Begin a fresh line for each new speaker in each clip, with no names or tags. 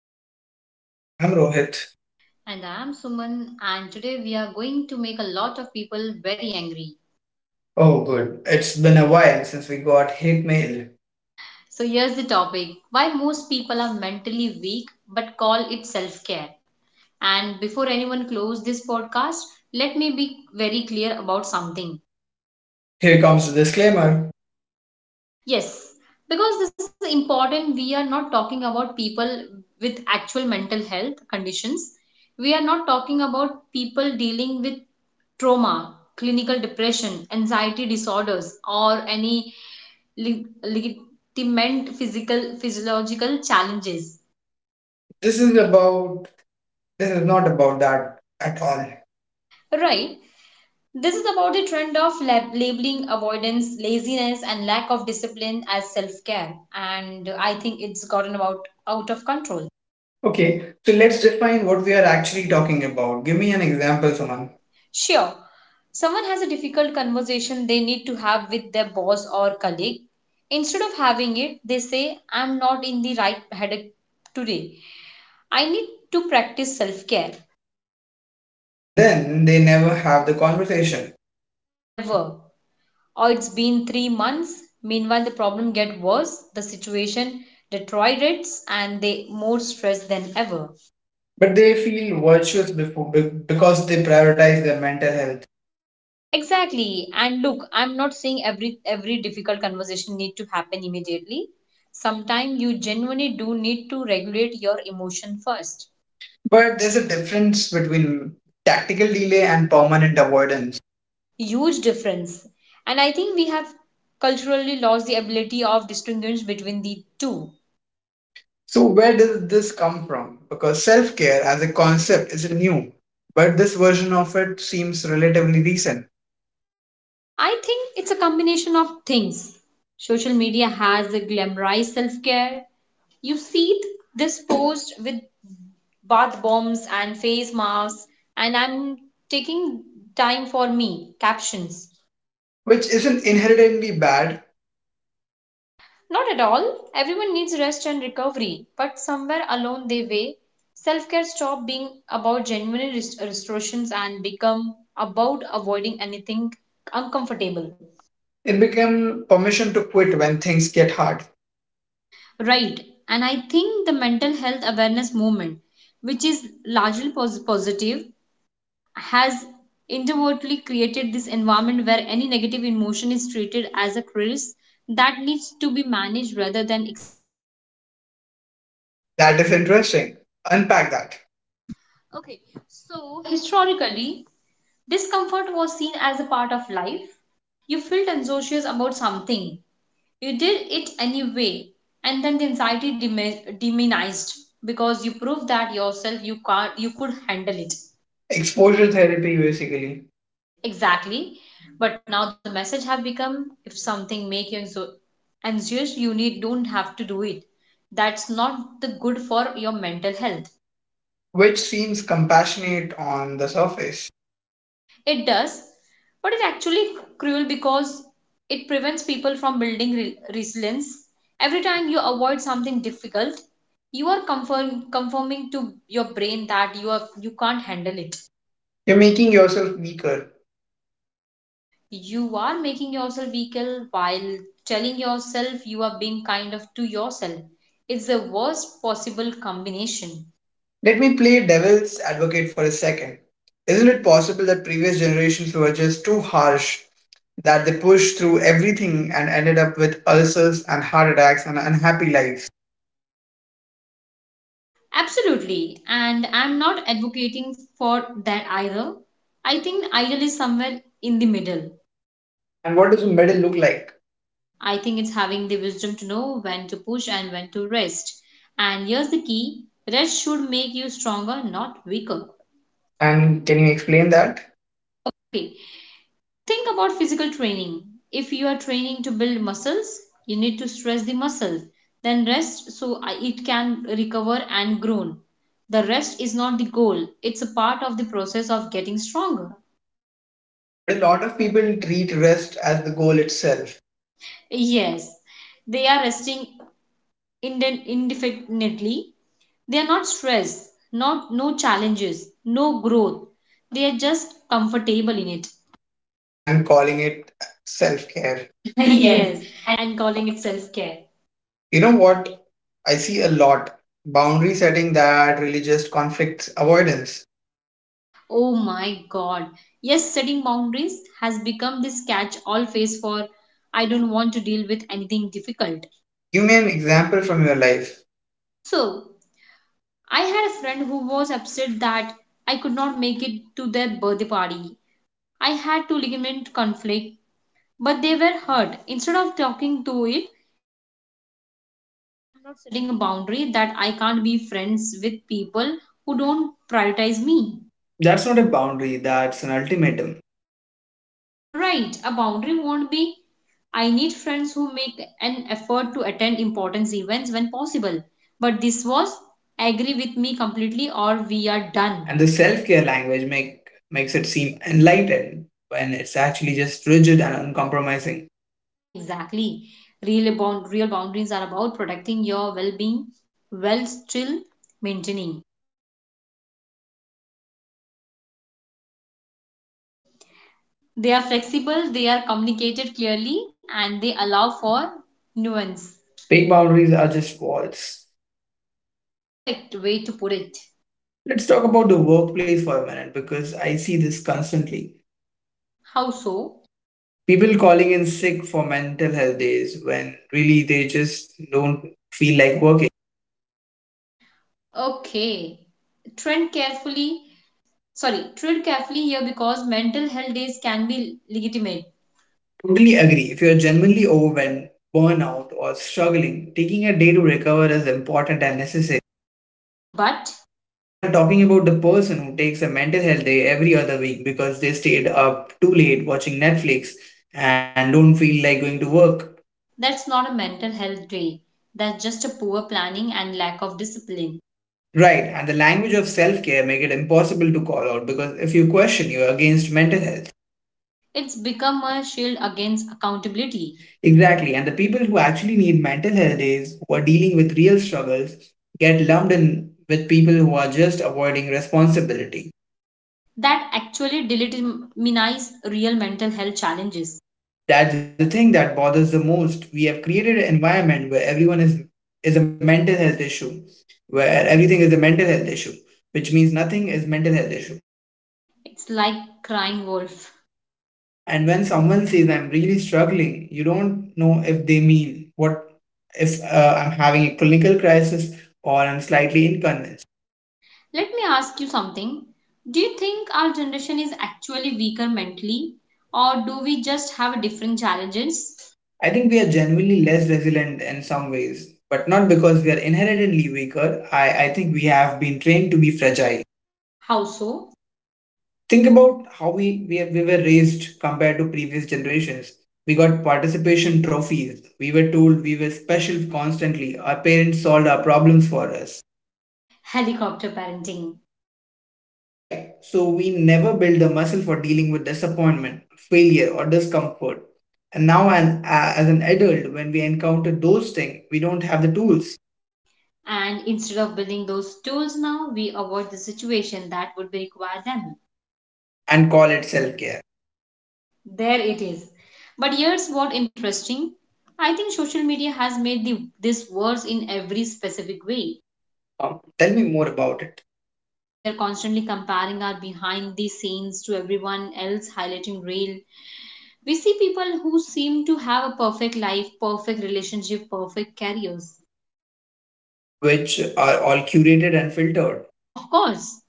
Reality Podcast. I'm Rohit.
And I'm Suman, and today we are going to make a lot of people very angry.
Oh, good. It's been a while since we got hate mail.
So, here's the topic why most people are mentally weak but call it self care. And before anyone close this podcast, let me be very clear about something.
Here comes the disclaimer.
Yes, because this is important, we are not talking about people with actual mental health conditions. We are not talking about people dealing with trauma, clinical depression, anxiety disorders, or any legitimate physical physiological challenges.
This is about, this is not about that at all.
Right. This is about the trend of labeling avoidance, laziness, and lack of discipline as self-care, and I think it's gotten about out of control.
Okay, so let's define what we are actually talking about. Give me an example, Suman.
Sure, someone has a difficult conversation they need to have with their boss or colleague. Instead of having it, they say, "I'm not in the right headache today." I need to practice self care.
And then they never have the conversation.
Never. Or it's been 3 months. Meanwhile, the problem get worse, the situation deteriorates, and they more stressed than ever.
But they feel virtuous before, because they prioritize their mental health.
Exactly. And look, I'm not saying every difficult conversation need to happen immediately. Sometimes you genuinely do need to regulate your emotion first.
But there's a difference between tactical delay and permanent avoidance.
Huge difference. And I think we have culturally lost the ability of distinguish between the two.
So, where did this come from? Because self care as a concept is new, but this version of it seems relatively recent.
I think it's a combination of things. Social media has a glamorized self care. You see this post with bath bombs and face masks, and I'm taking time for me captions.
Which isn't inherently bad.
Not at all. Everyone needs rest and recovery, but somewhere along the way, self care stop being about genuine restorations and become about avoiding anything uncomfortable.
It became permission to quit when things get hard.
Right. And I think the mental health awareness movement, which is largely positive, has inadvertently created this environment where any negative emotion is treated as a crisis that needs to be managed rather than.
That is interesting. Unpack that.
Okay, so historically, discomfort was seen as a part of life. You felt anxious about something, you did it anyway, and then the anxiety demonized because you proved that yourself you can't, you could handle it.
Exposure therapy, basically.
Exactly. But now the message have become if something make you anxious, you need don't have to do it. That's not the good for your mental health.
Which seems compassionate on the surface.
It does, but it's actually cruel because it prevents people from building resilience. Every time you avoid something difficult, you are confirming to your brain that you are you can't handle it.
You're making yourself weaker.
You are making yourself weaker while telling yourself you are being kind of to yourself. It's the worst possible combination.
Let me play devil's advocate for a second. Isn't it possible that previous generations were just too harsh, that they pushed through everything and ended up with ulcers and heart attacks and unhappy lives?
Absolutely, and I'm not advocating for that either. I think ideal is somewhere in the middle.
And what does the middle look like?
I think it's having the wisdom to know when to push and when to rest. And here's the key rest should make you stronger, not weaker.
And can you explain that?
Okay, think about physical training. If you are training to build muscles, you need to stress the muscle, then rest so it can recover and grow. The rest is not the goal, it's a part of the process of getting stronger.
But a lot of people treat rest as the goal itself,
Yes, they are resting indefinitely. They are not stressed, not no challenges, no growth. They are just comfortable in it.
and calling it self care. Yes.
yes, and calling it self care.
You know what? I see a lot boundary setting that religious conflicts avoidance.
Oh my god. Yes, setting boundaries has become this catch all phase for I don't want to deal with anything difficult.
Give me an example from your life.
So, I had a friend who was upset that I could not make it to their birthday party. I had to ligament conflict, but they were hurt. Instead of talking to it, I'm not setting a boundary that I can't be friends with people who don't prioritize me.
That's not a boundary, that's an ultimatum.
Right, a boundary won't be. I need friends who make an effort to attend important events when possible. But this was agree with me completely or we are done.
And the self-care language make makes it seem enlightened when it's actually just rigid and uncompromising.
Exactly. Real boundaries are about protecting your well being while still maintaining. They are flexible, they are communicated clearly, and they allow for nuance.
Fake boundaries are just walls.
Perfect way to put it.
Let's talk about the workplace for a minute because I see this constantly.
How so?
People calling in sick for mental health days when really they just don't feel like working.
Okay. Trend carefully Tread carefully here because mental health days can be legitimate,
Totally agree. If you're genuinely overwhelmed, burnout, or struggling, taking a day to recover is important and necessary.
but
But I'm talking about the person who takes a mental health day every other week because they stayed up too late watching Netflix and don't feel like going to work.
that's not a mental health day. That's just a poor planning and lack of discipline.
Right, and the language of self-care make it impossible to call out because if you question, you're against mental health.
It's become a shield against
Pity.
accountability
Exactly, and the people who actually need mental health days, who are dealing with real struggles, get lumped in with people who are just avoiding responsibility.
that actually delegitimize real mental health challenges.
That's the thing that bothers the most. We have created an environment where everyone is a mental health issue, where everything is a mental health issue, which means nothing is mental health issue.
It's like crying wolf.
Yeah, and when someone says I'm really struggling, you don't know if they mean what if I'm having a clinical crisis or I'm slightly inconvenienced.
Let me ask you something. Do you think our generation is actually weaker mentally, or do we just have different challenges?
I think we are genuinely less resilient in some ways, but not because we are inherently weaker. I think we have been trained to be fragile.
How so?
Think about how we were raised compared to previous generations. We got participation trophies. We were told we were special constantly. Our parents solved our problems for us.
Helicopter parenting.
Right, so we never built the muscle for dealing with disappointment, failure or discomfort, and now as an adult when we encounter those things we don't have the tools,
And instead of building those tools now, we avoid the situation that would require them.
and call it self-care.
There it is. But here's what interesting. I think social media has made this worse in every specific way.
Agree. Tell me more about it.
We are constantly comparing our behind the scenes to everyone else highlighting real. We see people who seem to have a perfect life, perfect relationship, perfect careers.
Which are all curated and filtered.
Of course,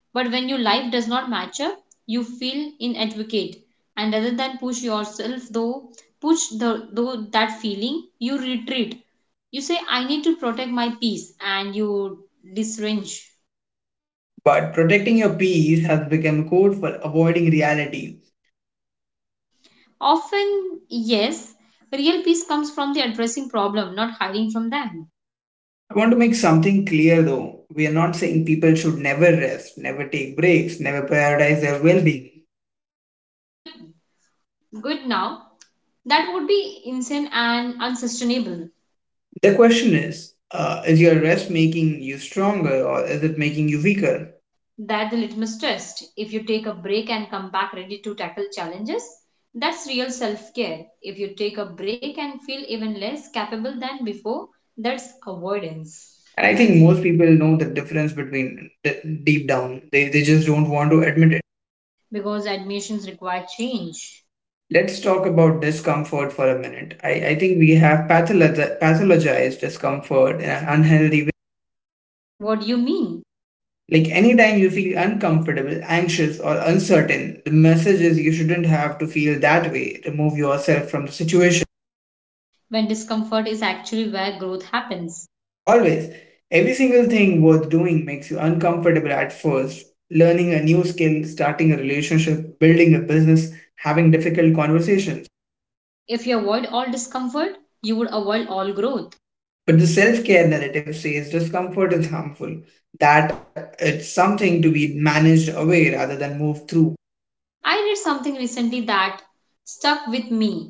but when your life does not match up, you feel inadequate, and rather than push yourself, though push the though that feeling, you retreat. You say, "I need to protect my peace," and you disarrange.
But protecting your peace has become code for avoiding reality.
Often, yes, real peace comes from the addressing problem, not hiding from them.
I want to make something clear though. We are not saying people should never rest, never take breaks, never prioritize their well being.
Good, good. Now, that would be insane and unsustainable.
The question is your rest making you stronger or is it making you weaker?
That's the litmus test. If you take a break and come back ready to tackle challenges, that's real self care. If you take a break and feel even less capable than before, that's
Right.
avoidance.
And I think most people know the difference between deep down. They just don't want to admit it.
Because admissions require change.
Let's talk about discomfort for a minute. I think we have pathologized discomfort in an unhealthy.
What do you mean?
Like anytime you feel uncomfortable, anxious, or uncertain, the message is you shouldn't have to feel that way. Remove yourself from the situation.
When discomfort is actually where growth happens.
Always. Every single thing worth doing makes you uncomfortable at first. Learning a new skill, starting a relationship, building a business, having difficult conversations.
If you avoid all discomfort, you would avoid all growth.
But the self care narrative says discomfort is harmful, that it's something to be managed away rather than moved through.
I read something recently that stuck with me.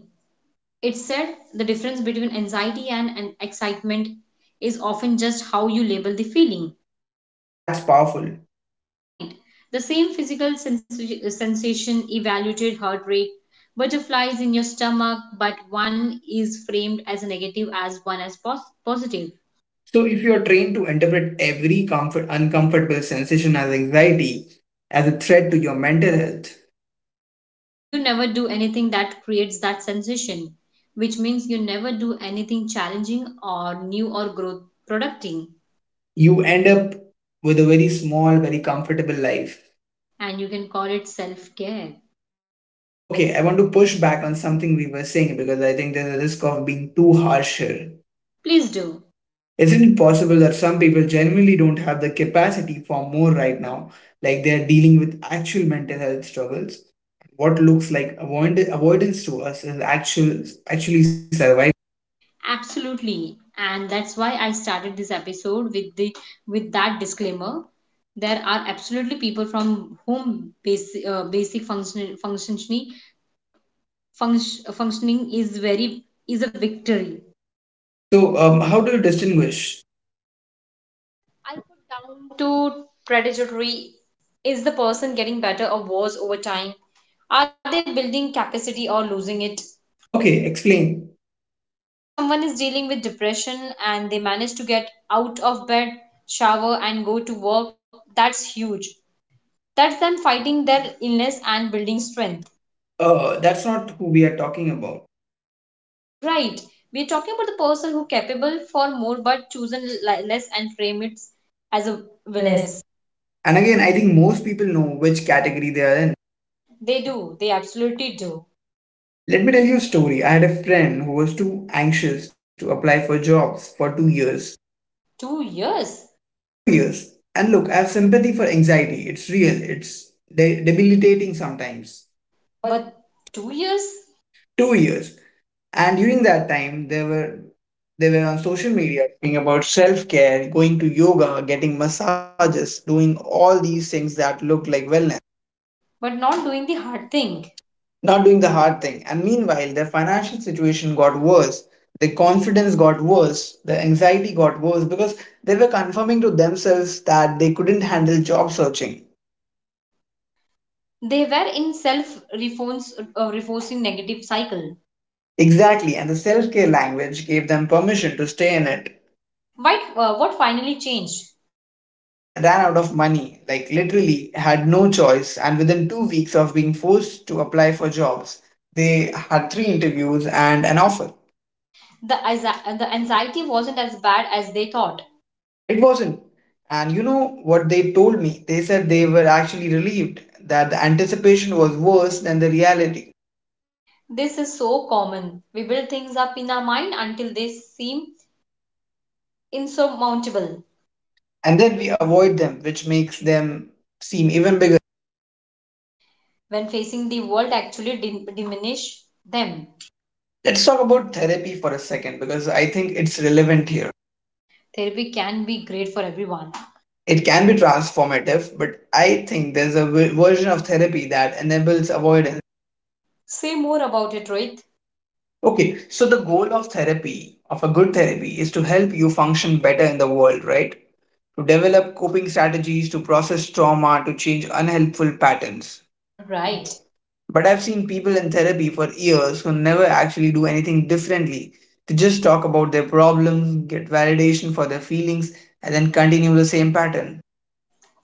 It said the difference between anxiety and excitement is often just how you label the feeling.
That's powerful.
Right. The same physical sensation evaluated heart rate, butterflies in your stomach, but one is framed as a negative as one as positive.
So, if you are trained to interpret uncomfortable sensation as anxiety, as a threat to your mental health,
You never do anything that creates that sensation, which means you never do anything challenging or new or growth producting,
you end up with a very small, very comfortable life.
and you can call it self care.
Okay, I want to push back on something we were saying because I think there's a risk of being too harsh here.
Please do.
Isn't it possible that some people genuinely don't have the capacity for more right now? Like they're dealing with actual mental health struggles. What looks like avoidance to us is actually survival.
Absolutely. And that's why I started this episode with the with that disclaimer. There are absolutely people from whom basic basic functioning functioning is very is a victory.
So, how do you distinguish.
To predatory is the person getting better or worse over time? Are they building capacity or losing it?
Okay, explain.
If someone is dealing with depression and they manage to get out of bed, shower and go to work, that's huge. That's them fighting their illness and building strength.
That's not who we are talking about.
Right, we're talking about the person who capable for more but chosen less and frame it as a
Wellness.
wellness.
And again, I think most people know which category they are in.
they do they absolutely do.
Let me tell you a story. I had a friend who was too anxious to apply for jobs for 2 years.
2 years.
2 years. And look, I have sympathy for anxiety. It's real, it's debilitating sometimes.
But
What?
2 years.
2 years. And during that time, they were on social media talking about self care, going to yoga, getting massages, doing all these things that look like wellness.
But not doing the hard thing.
Not doing the hard thing. And meanwhile, their financial situation got worse, their confidence got worse, their anxiety got worse because they were confirming to themselves that they couldn't handle job searching.
They were in self reinforcing negative cycle.
Exactly, and the self care language gave them permission to stay in it.
What what finally changed?
They ran out of money, like literally had no choice, and within 2 weeks of being forced to apply for jobs, they had three interviews and an offer.
The anxiety wasn't as bad as they thought.
It wasn't. And you know what they told me? They said they were actually relieved that the anticipation was worse than the reality.
This is so common. We build things up in our mind until they seem insurmountable.
And then we avoid them, which makes them seem even bigger.
When facing the world, actually diminish them.
Let's talk about therapy for a second because I think it's relevant here.
Therapy can be great for everyone.
It can be transformative, but I think there's a version of therapy that enables avoidance.
Say more about it, Rohit.
Okay, so the goal of therapy, of a good therapy, is to help you function better in the world, right? To develop coping strategies, to process trauma, to change unhelpful patterns.
Right.
But I've seen people in therapy for years who never actually do anything differently. They just talk about their problems, get validation for their feelings, and then continue the same pattern.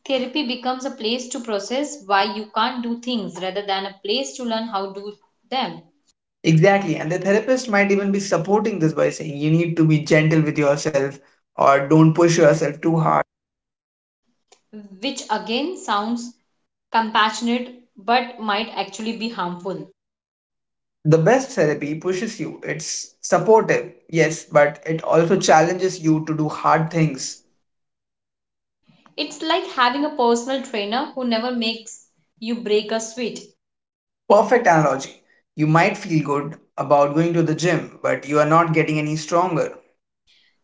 Therapy becomes a place to process why you can't do things rather than a place to learn how to do them,
Exactly, and the therapist might even be supporting this by saying you need to be gentle with yourself or don't push yourself too hard.
which again sounds compassionate but might actually be harmful.
The best therapy pushes you, it's supportive, yes, but it also challenges you to do hard things.
It's like having a personal trainer who never makes you break a sweat.
Perfect analogy. You might feel good about going to the gym, but you are not getting any stronger.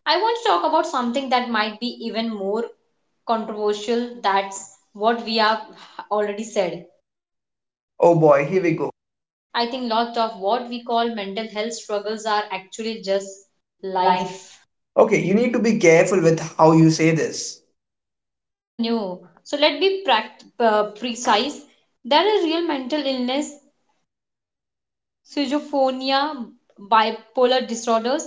I want to talk about something that might be even more controversial. That's what we have already said.
Oh boy, here we go.
I think lots of what we call mental health struggles are actually just
Life.
life.
Okay, you need to be careful with how you say this.
I know. So let me precise. There are real mental illness, schizophrenia, bipolar disorders,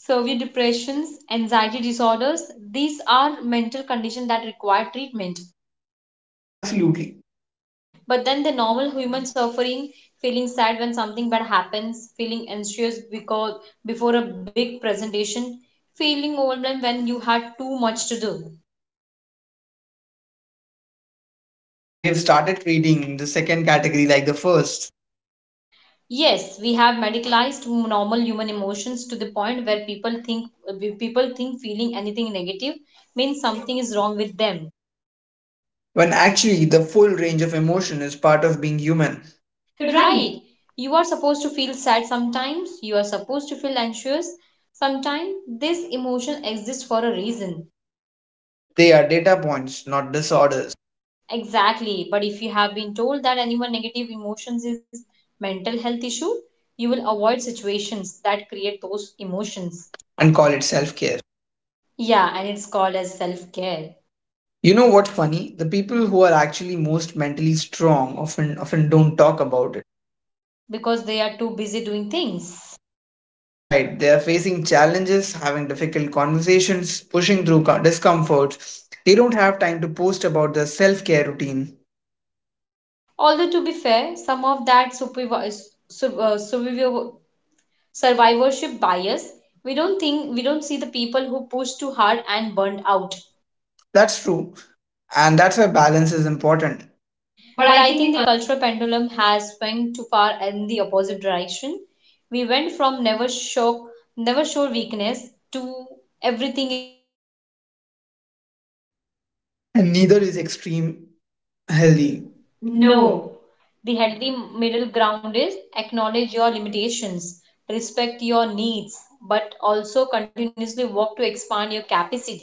severe depressions, anxiety disorders. These are mental conditions that require treatment.
Absolutely.
But then the normal human suffering, feeling sad when something bad happens, feeling anxious because before a big presentation, feeling overwhelmed when you had too much to do.
And we have started treating the second category like the first,
Yes, we have medicalized normal human emotions to the point where people think feeling anything negative means something is wrong with them.
when actually the full range of emotion is part of being human. You're right.
Right. You are supposed to feel sad sometimes, you are supposed to feel anxious sometimes. This emotion exists for a reason.
They are data points, not disorders,
Exactly. But if you have been told that anyone negative emotions is mental health issue, you will avoid situations that create those emotions.
and call it self care.
Yeah, and it's called as self-care
You know what's funny? The people who are actually most mentally strong often don't talk about.
because they are too busy doing things.
Right, they are facing challenges, having difficult conversations, pushing through discomforts. They don't have time to post about their self care routine.
Although to be fair, some of that sur- uh, surviv- survivorship bias, we don't see the people who push too hard and burned
Out.
out.
That's true, and that's why balance is important. But
But
I
I
think
think
the
the
con-.
cultural pendulum has swung too far in the opposite direction. We went from never show weakness to everything.
And neither is extreme healthy.
No.
No.
The healthy middle ground is acknowledge your limitations, respect your needs, but also continuously work to expand your capacity.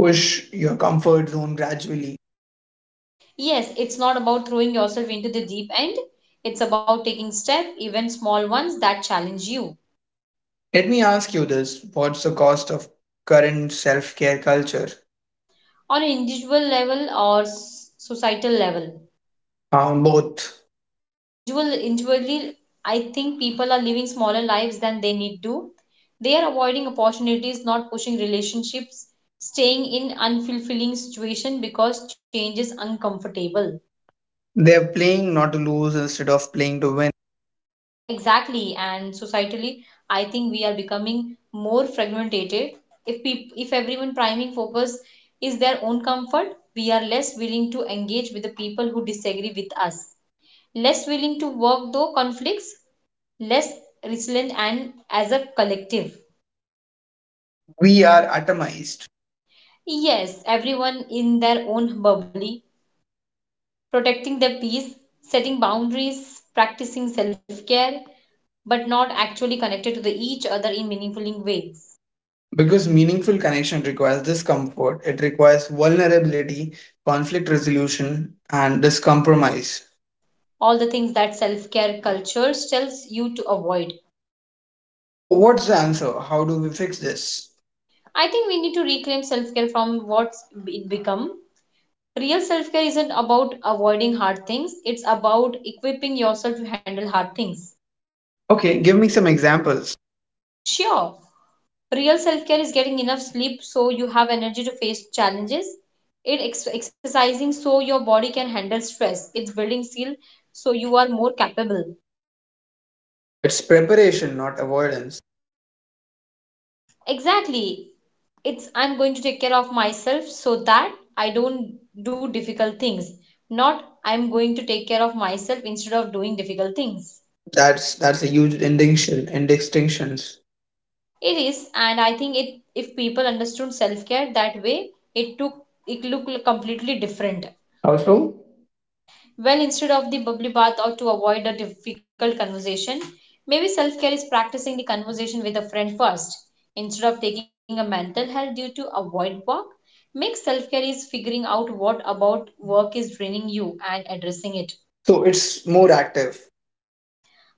Push your comfort zone gradually.
Yes, it's not about throwing yourself into the deep end. It's about taking steps, even small ones that challenge you
Let me ask you this, what's the cost of current self care culture?
on an individual level or societal level.
Both.
Individually, I think people are living smaller lives than they need to. They are avoiding opportunities not pushing relationships, staying in unfulfilling situation because change is uncomfortable.
They're playing not to lose instead of playing to win.
Exactly, and societally I think we are becoming more fragmented. If everyone priming focus is their own comfort, we are less willing to engage with the people who disagree with us, less willing to work though conflicts, less resilient and as a collective.
We are atomized.
Yes, everyone in their own bubble, protecting their peace, setting boundaries, practicing self care, but not actually connected to the each other in meaningful ways.
Because meaningful connection requires discomfort, it requires vulnerability, conflict resolution, and discompromise.
All the things that self care culture tells you to avoid.
So, what's the answer? How do we fix this?
I think we need to reclaim self care from what it become. Real self care isn't about avoiding hard things, it's about equipping yourself to handle hard things.
Okay, give me some examples.
Sure, real self care is getting enough sleep so you have energy to face challenges. It exercising so your body can handle stress. It's building skill so you are more capable.
It's preparation, not avoidance.
Exactly. It's I'm going to take care of myself so that I don't do difficult things. Not I'm going to take care of myself instead of doing difficult things.
That's a huge distinction in distinctions.
It is, and I think it if people understood self care that way, it took it looked completely different.
Also,
Well, instead of the bubbly bath or to avoid a difficult conversation, maybe self care is practicing the conversation with a friend first. Instead of taking a mental health due to avoid work, make self care is figuring out what about work is draining you and addressing it.
so it's more active.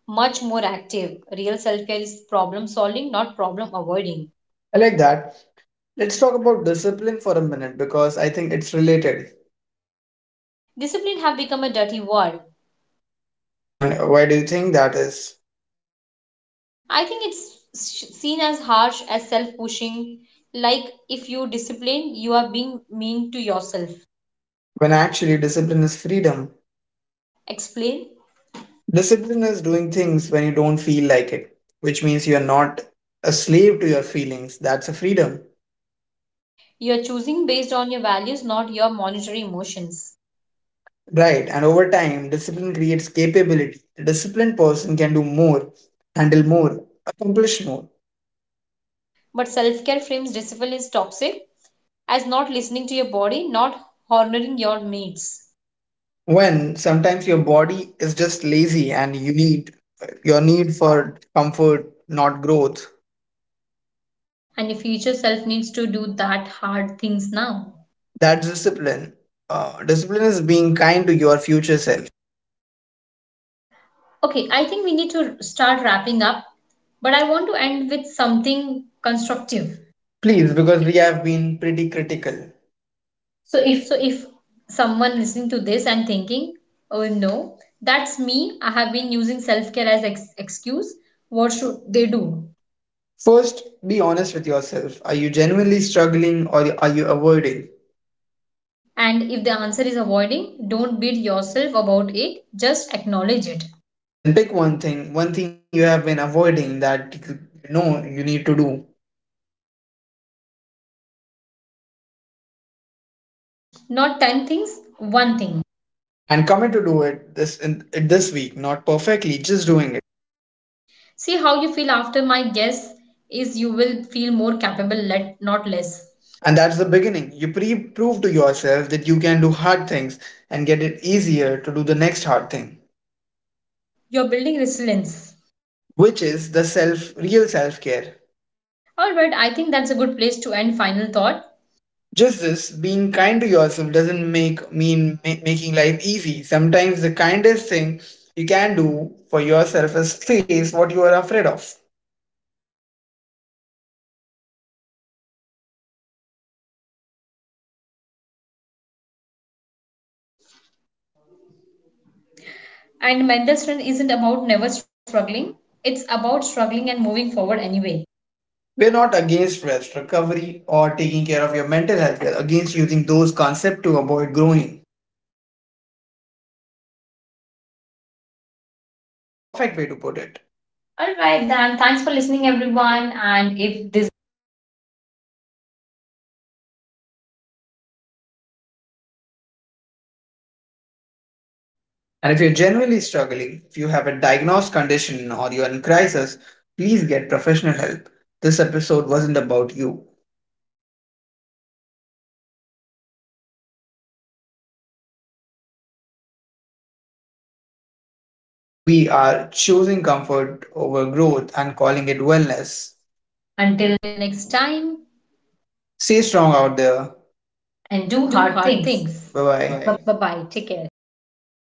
Much more active. Real self care is problem solving, not problem avoiding.
I like that. Let's talk about discipline for a minute because I think it's related.
Discipline have become a dirty word.
And why do you think that is?
I think it's seen as harsh as self pushing, like if you discipline, you are being mean to yourself.
When actually discipline is freedom.
Explain.
Discipline is doing things when you don't feel like it, which means you are not a slave to your feelings. That's a freedom.
You're choosing based on your values, not your monetary emotions.
Right. And over time, discipline creates capability. A disciplined person can do more, handle more, accomplish more.
But self care frames discipline is toxic as not listening to your body, not honoring your needs.
When sometimes your body is just lazy and you need your need for comfort, not growth,
And your future self needs to do that hard things now.
that's discipline. Discipline is being kind to your future self.
Okay, I think we need to start wrapping up, but I want to end with something constructive.
Please, because we have been pretty critical. So if
So if someone listening to this and thinking, oh no, that's me, I have been using self care as excuse, what should they do?
First, be honest with yourself. Are you genuinely struggling or are you avoiding?
And if the answer is avoiding, don't beat yourself about it, just acknowledge it.
Then pick one thing you have been avoiding that you know you need to do,
Not 10 things, one thing.
and commit to do it this week, not perfectly, just doing it.
See how you feel after my guess is you will feel more capable, let, not less.
And that's the beginning. You prove to yourself that you can do hard things and get it easier to do the next hard thing,
You're building resilience.
which is the self real self-care.
Alright, I think that's a good place to end final thought.
Just this, being kind to yourself doesn't making life easy. Sometimes the kindest thing you can do for yourself is face what you are afraid of.
And mental strength isn't about never struggling, it's about struggling and moving forward anyway.
We're not against rest, recovery, or taking care of your mental health. We're against using those concepts to avoid growing.
There's a difference between healing and hiding.
Perfect way to put it.
All right, then. Thanks for listening, everyone. And if this made you uncomfortable, good. Sit with the discomfort for a minute instead of immediately trying to make it go away.
And if you're genuinely struggling, if you have a diagnosed condition or you're in crisis, please get professional help. This episode wasn't about you.
Right. We are talking about the much larger group of the people who are capable for more than they are doing.
We are choosing comfort over growth and calling it wellness. Until.
Until next time,
Stay strong out there. And
and
do
do
hard
hard
things.
things. Bye
Bye
bye.
bye.
Bye bye. Take care.